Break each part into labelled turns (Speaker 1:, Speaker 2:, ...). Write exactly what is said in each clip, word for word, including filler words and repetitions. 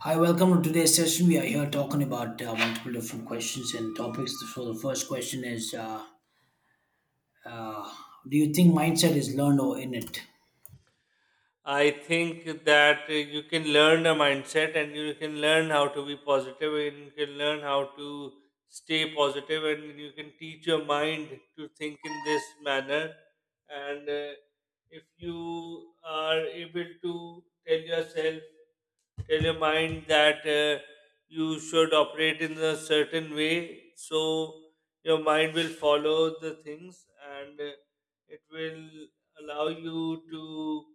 Speaker 1: Hi, welcome to today's session. We are here talking about uh, multiple different questions and topics. So, the first question is uh, uh, do you think mindset is learned or innate?
Speaker 2: I think that uh, you can learn a mindset and you can learn how to be positive and you can learn how to stay positive and you can teach your mind to think in this manner. And uh, If you are able to tell yourself, tell your mind that uh, you should operate in a certain way, so your mind will follow the things and uh, it will allow you to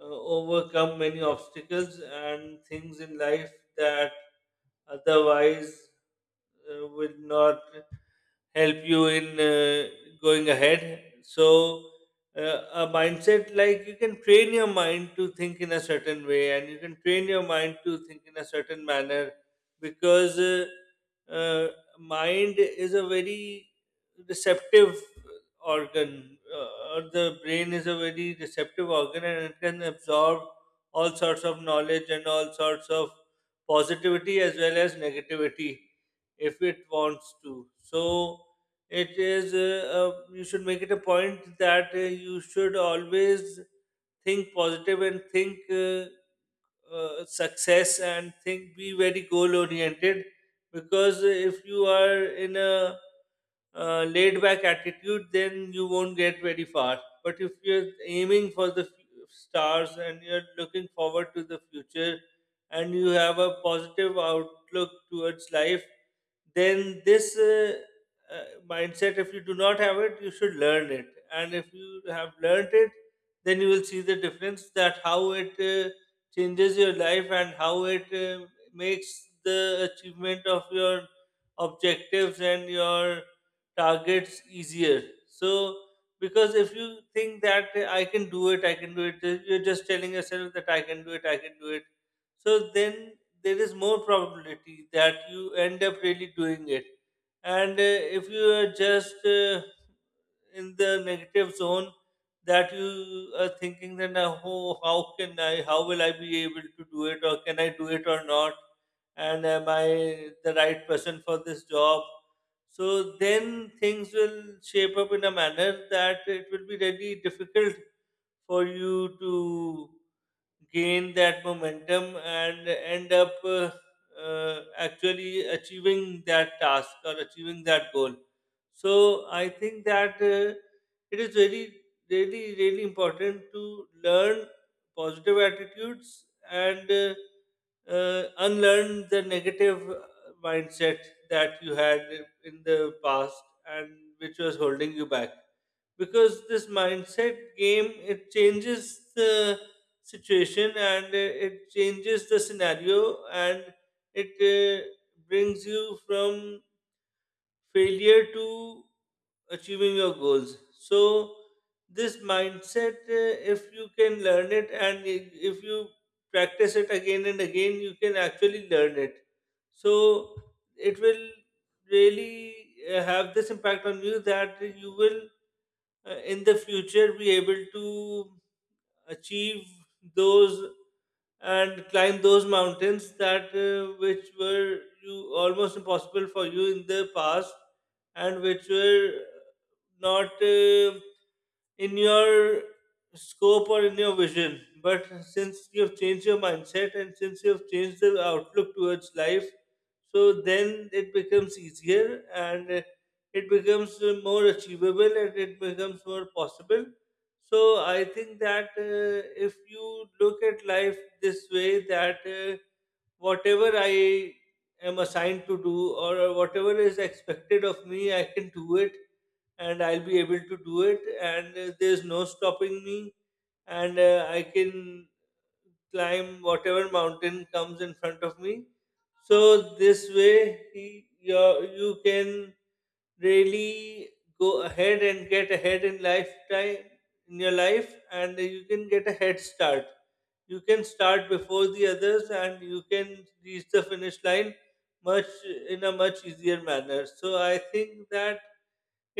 Speaker 2: uh, overcome many obstacles and things in life that otherwise uh, will not help you in uh, going ahead. So, uh, a mindset, like, you can train your mind to think in a certain way, and you can train your mind to think in a certain manner because uh, uh, mind is a very receptive organ, uh, or the brain is a very receptive organ, and it can absorb all sorts of knowledge and all sorts of positivity as well as negativity if it wants to. So it is uh, uh, you should make it a point that uh, you should always think positive and think uh, uh, success and think be very goal oriented because if you are in a uh, laid back attitude then you won't get very far, but if you're aiming for the fu- stars and you're looking forward to the future and you have a positive outlook towards life, then this uh, uh, mindset, if you do not have it you should learn it, and if you have learned it then you will see the difference, that how it uh, changes your life and how it uh, makes the achievement of your objectives and your targets easier. So, because if you think that uh, I can do it, I can do it, uh, you're just telling yourself that I can do it, I can do it. So, then there is more probability that you end up really doing it. And uh, If you are just uh, in the negative zone, that you are thinking then, oh, how can I, how will I be able to do it, or can I do it or not, and am I the right person for this job, so then things will shape up in a manner that it will be really difficult for you to gain that momentum and end up uh, uh, actually achieving that task or achieving that goal. So I think that uh, it is very, really, really important to learn positive attitudes and uh, uh, unlearn the negative uh, mindset that you had in the past and which was holding you back, because this mindset game, it changes the situation and uh, it changes the scenario and it uh, brings you from failure to achieving your goals. So, this mindset, uh, if you can learn it, and i- if you practice it again and again, you can actually learn it. So, it will really uh, have this impact on you that you will uh, in the future be able to achieve those and climb those mountains that uh, which were you almost impossible for you in the past, and which were not uh, in your scope or in your vision, but since you have changed your mindset and since you have changed the outlook towards life, so then it becomes easier, and uh, it becomes uh, more achievable and it becomes more possible. So I think that uh, if you look at life this way, that uh, whatever I am assigned to do or whatever is expected of me, I can do it and I'll be able to do it, and uh, there's no stopping me, and uh, I can climb whatever mountain comes in front of me. So this way, y- you you can really go ahead and get ahead in lifetime, in your life, and you can get a head start, you can start before the others and you can reach the finish line much, in a much easier manner. So I think that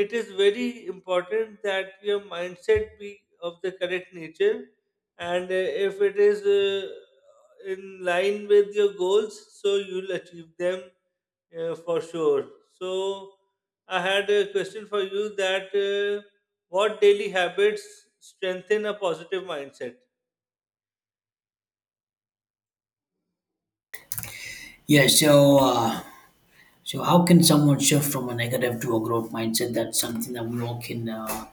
Speaker 2: it is very important that your mindset be of the correct nature, and uh, if it is uh, in line with your goals, so you'll achieve them, yeah, for sure. So, I had a question for you, that uh, what daily habits strengthen a positive mindset?
Speaker 1: Yeah, so, uh, so how can someone shift from a negative to a growth mindset? That's something that we all can uh,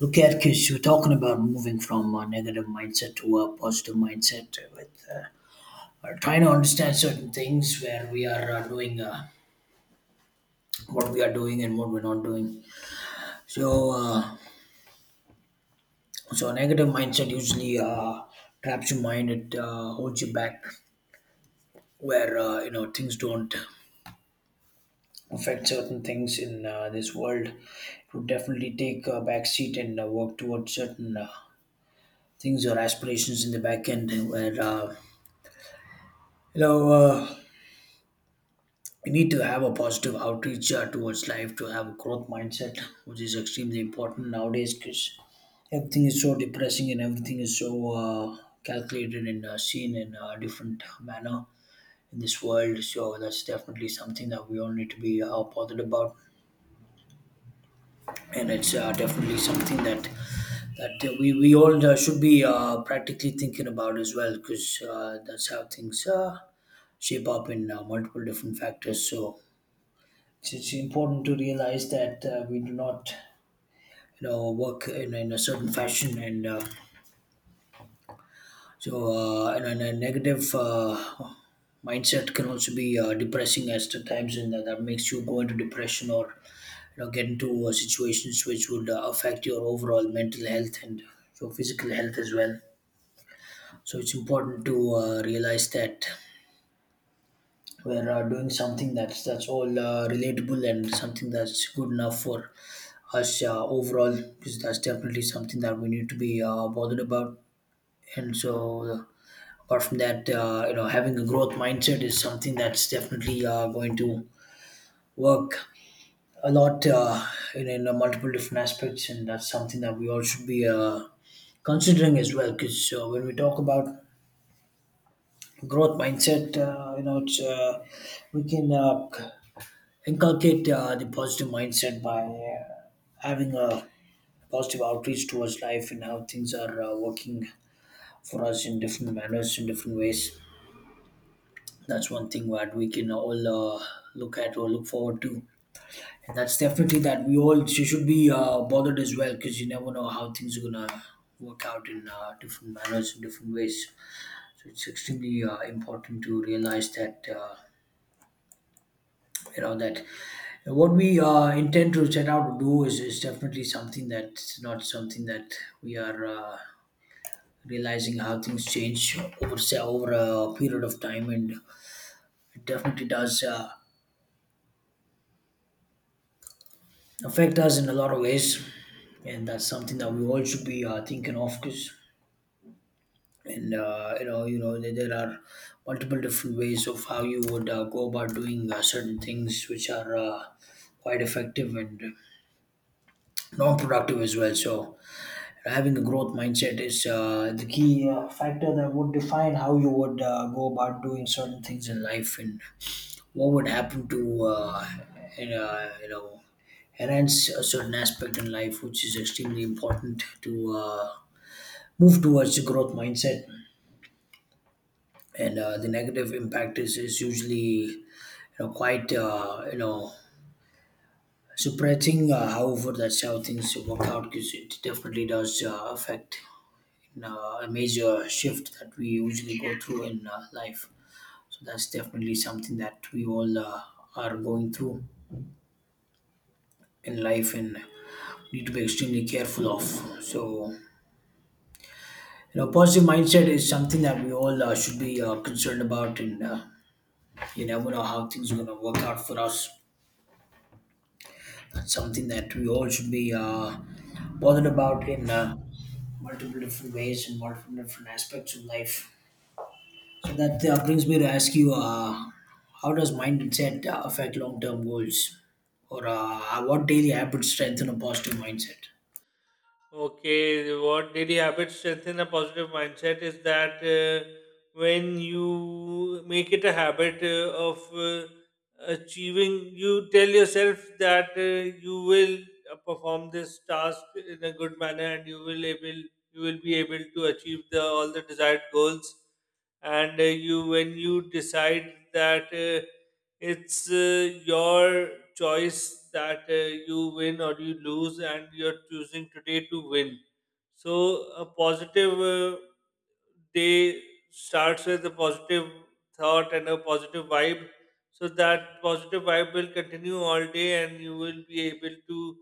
Speaker 1: look at, because you're talking about moving from a negative mindset to a positive mindset with uh, uh, trying to understand certain things where we are uh, doing uh, what we are doing and what we're not doing. So, uh, So a negative mindset usually uh, traps your mind. It uh, holds you back, where uh, you know, things don't affect certain things in uh, this world. It would definitely take a back seat and uh, work towards certain uh, things or aspirations in the back end. Where uh, you know uh, you need to have a positive outreach uh, towards life to have a growth mindset, which is extremely important nowadays, because everything is so depressing and everything is so uh, calculated and uh, seen in a different manner in this world. So that's definitely something that we all need to be uh, bothered about, and it's uh, definitely something that that uh, we we all uh, should be uh, practically thinking about as well, because uh, that's how things uh, shape up in uh, multiple different factors. So it's, it's important to realize that uh, we do not, you know, work in, in a certain fashion, and uh, so uh, and, and a negative uh, mindset can also be uh, depressing as to times, and that, that makes you go into depression, or you know, get into uh, situations which would uh, affect your overall mental health and your physical health as well. So it's important to uh, realize that we're uh, doing something that's that's all uh, relatable and something that's good enough for us uh, overall, because that's definitely something that we need to be uh, bothered about. And so uh, apart from that, uh, you know, having a growth mindset is something that's definitely uh, going to work a lot uh, in, in uh, multiple different aspects, and that's something that we all should be uh, considering as well. Because uh, when we talk about growth mindset, uh, you know, it's, uh, we can uh, inculcate uh, the positive mindset by uh, having a positive outreach towards life and how things are uh, working for us in different manners, in different ways. That's one thing that we can all uh, look at or look forward to. And that's definitely that we all sh- should be uh, bothered as well, because you never know how things are gonna work out in uh, different manners and different ways. So it's extremely uh, important to realize that uh, you know that what we uh, intend to set out to do is, is definitely something that's not something that we are uh, realizing how things change over, say, over a period of time, and it definitely does uh, affect us in a lot of ways. And that's something that we all should be uh, thinking of, because and uh, you know, you know there, there are multiple different ways of how you would uh, go about doing uh, certain things, which are uh, quite effective and non-productive as well. So having a growth mindset is uh, the key uh, factor that would define how you would uh, go about doing certain things in life, and what would happen to uh, and, uh, you know, enhance a certain aspect in life, which is extremely important to uh, move towards a growth mindset. And uh, the negative impact is, is usually, you know, quite uh, you know, surprising, uh, however that's how things work out, because it definitely does uh, affect in, uh, a major shift that we usually go through in uh, life. So that's definitely something that we all uh, are going through in life and need to be extremely careful of. So you know, positive mindset is something that we all uh, should be uh, concerned about, and uh, you never know how things are going to work out for us. Something that we all should be uh, bothered about in uh, multiple different ways and multiple different aspects of life. So that uh, brings me to ask you, uh, how does mindset uh, affect long-term goals, or uh, what daily habits strengthen a positive mindset?
Speaker 2: Okay, what daily habits strengthen a positive mindset is that uh, when you make it a habit uh, of uh, achieving, you tell yourself that uh, you will uh, perform this task in a good manner and you will able you will be able to achieve the all the desired goals, and uh, you, when you decide that uh, it's uh, your choice that uh, you win or you lose and you're choosing today to win, so a positive uh, day starts with a positive thought and a positive vibe, so that positive vibe will continue all day and you will be able to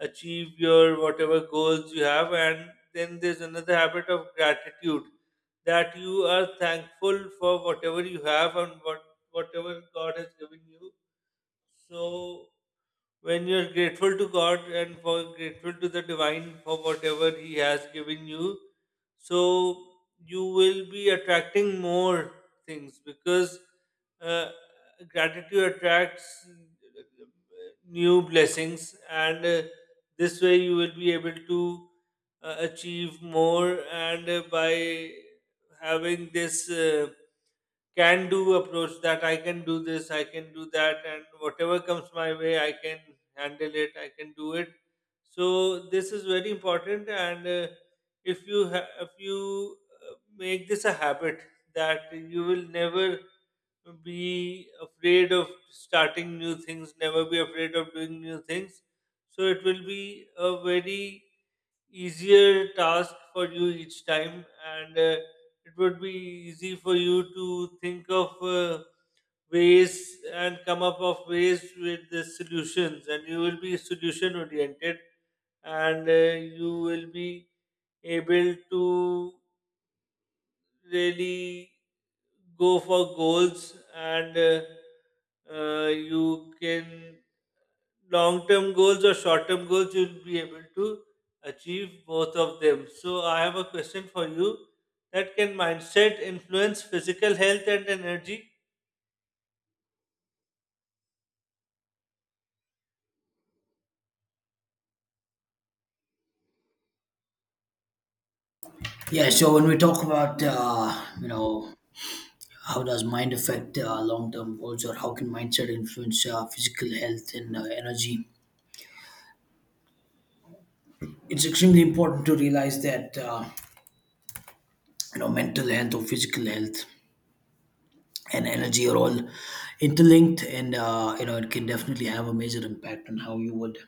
Speaker 2: achieve your whatever goals you have. And then there's another habit of gratitude, that you are thankful for whatever you have and what whatever God has given you. So when you are grateful to God and for grateful to the divine for whatever He has given you, so you will be attracting more things because uh, gratitude attracts new blessings, and uh, this way you will be able to uh, achieve more. And uh, By having this. Uh, can do approach, that I can do this, I can do that, and whatever comes my way, I can handle it, I can do it. So this is very important, and uh, if you ha- if you uh, make this a habit, that you will never be afraid of starting new things, never be afraid of doing new things. So it will be a very easier task for you each time, and uh, it would be easy for you to think of uh, ways and come up of ways with the solutions, and you will be solution oriented, and uh, you will be able to really go for goals, and uh, uh, you can, long term goals or short term goals, you'll be able to achieve both of them. So I have a question for you, that can mindset influence physical health and energy?
Speaker 1: Yeah, so when we talk about uh, you know, how does mind affect uh, long-term goals, or how can mindset influence uh, physical health and uh, energy? It's extremely important to realize that uh, you know, mental health or physical health and energy are all interlinked, and uh, you know, it can definitely have a major impact on how you would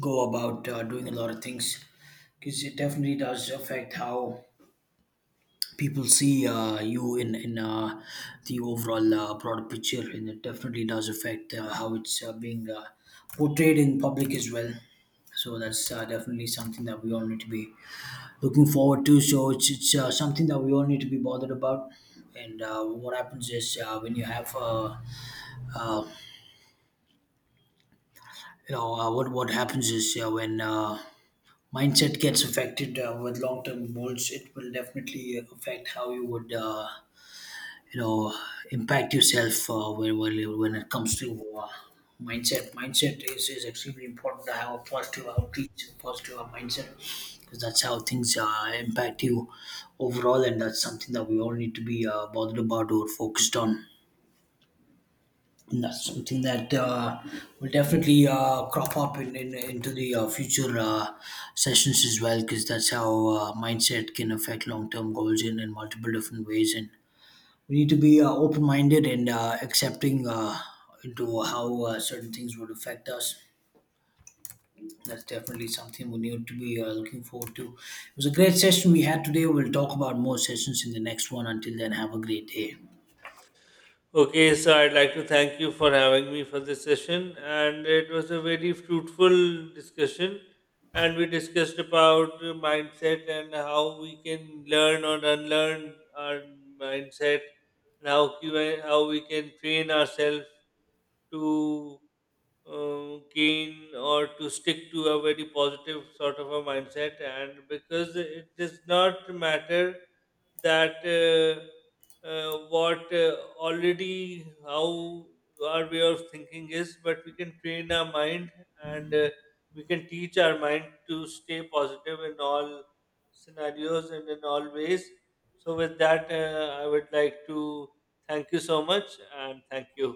Speaker 1: go about uh, doing a lot of things, because it definitely does affect how people see uh, you in in uh, the overall uh, broader picture, and it definitely does affect uh, how it's uh, being uh, portrayed in public as well. So that's uh, definitely something that we all need to be looking forward to. So it's it's uh, something that we all need to be bothered about. And uh, what happens is uh, when you have uh, Uh, you know uh, what what happens is uh, when uh, mindset gets affected uh, with long term goals, it will definitely affect how you would uh, you know, impact yourself uh, when when when it comes to uh, mindset. Mindset is, is extremely important to have a positive outreach, positive mindset, because that's how things uh, impact you overall, and that's something that we all need to be uh, bothered about or focused on. And that's something that uh, will definitely uh, crop up in, in into the uh, future uh, sessions as well, because that's how uh, mindset can affect long-term goals in, in multiple different ways, and we need to be uh, open-minded and uh, accepting uh, into how uh, certain things would affect us. That's definitely something we need to be uh, looking forward to. It was a great session we had today. We'll talk about more sessions in the next one. Until then, have a great day.
Speaker 2: Okay, so I'd like to thank you for having me for this session, and it was a very fruitful discussion. And we discussed about uh, mindset and how we can learn or unlearn our mindset, and how, cu- how we can train ourselves to uh, gain or to stick to a very positive sort of a mindset, and because it does not matter that uh, uh, what uh, already, how our way of thinking is, but we can train our mind and uh, we can teach our mind to stay positive in all scenarios and in all ways. So with that, uh, I would like to thank you so much and thank you.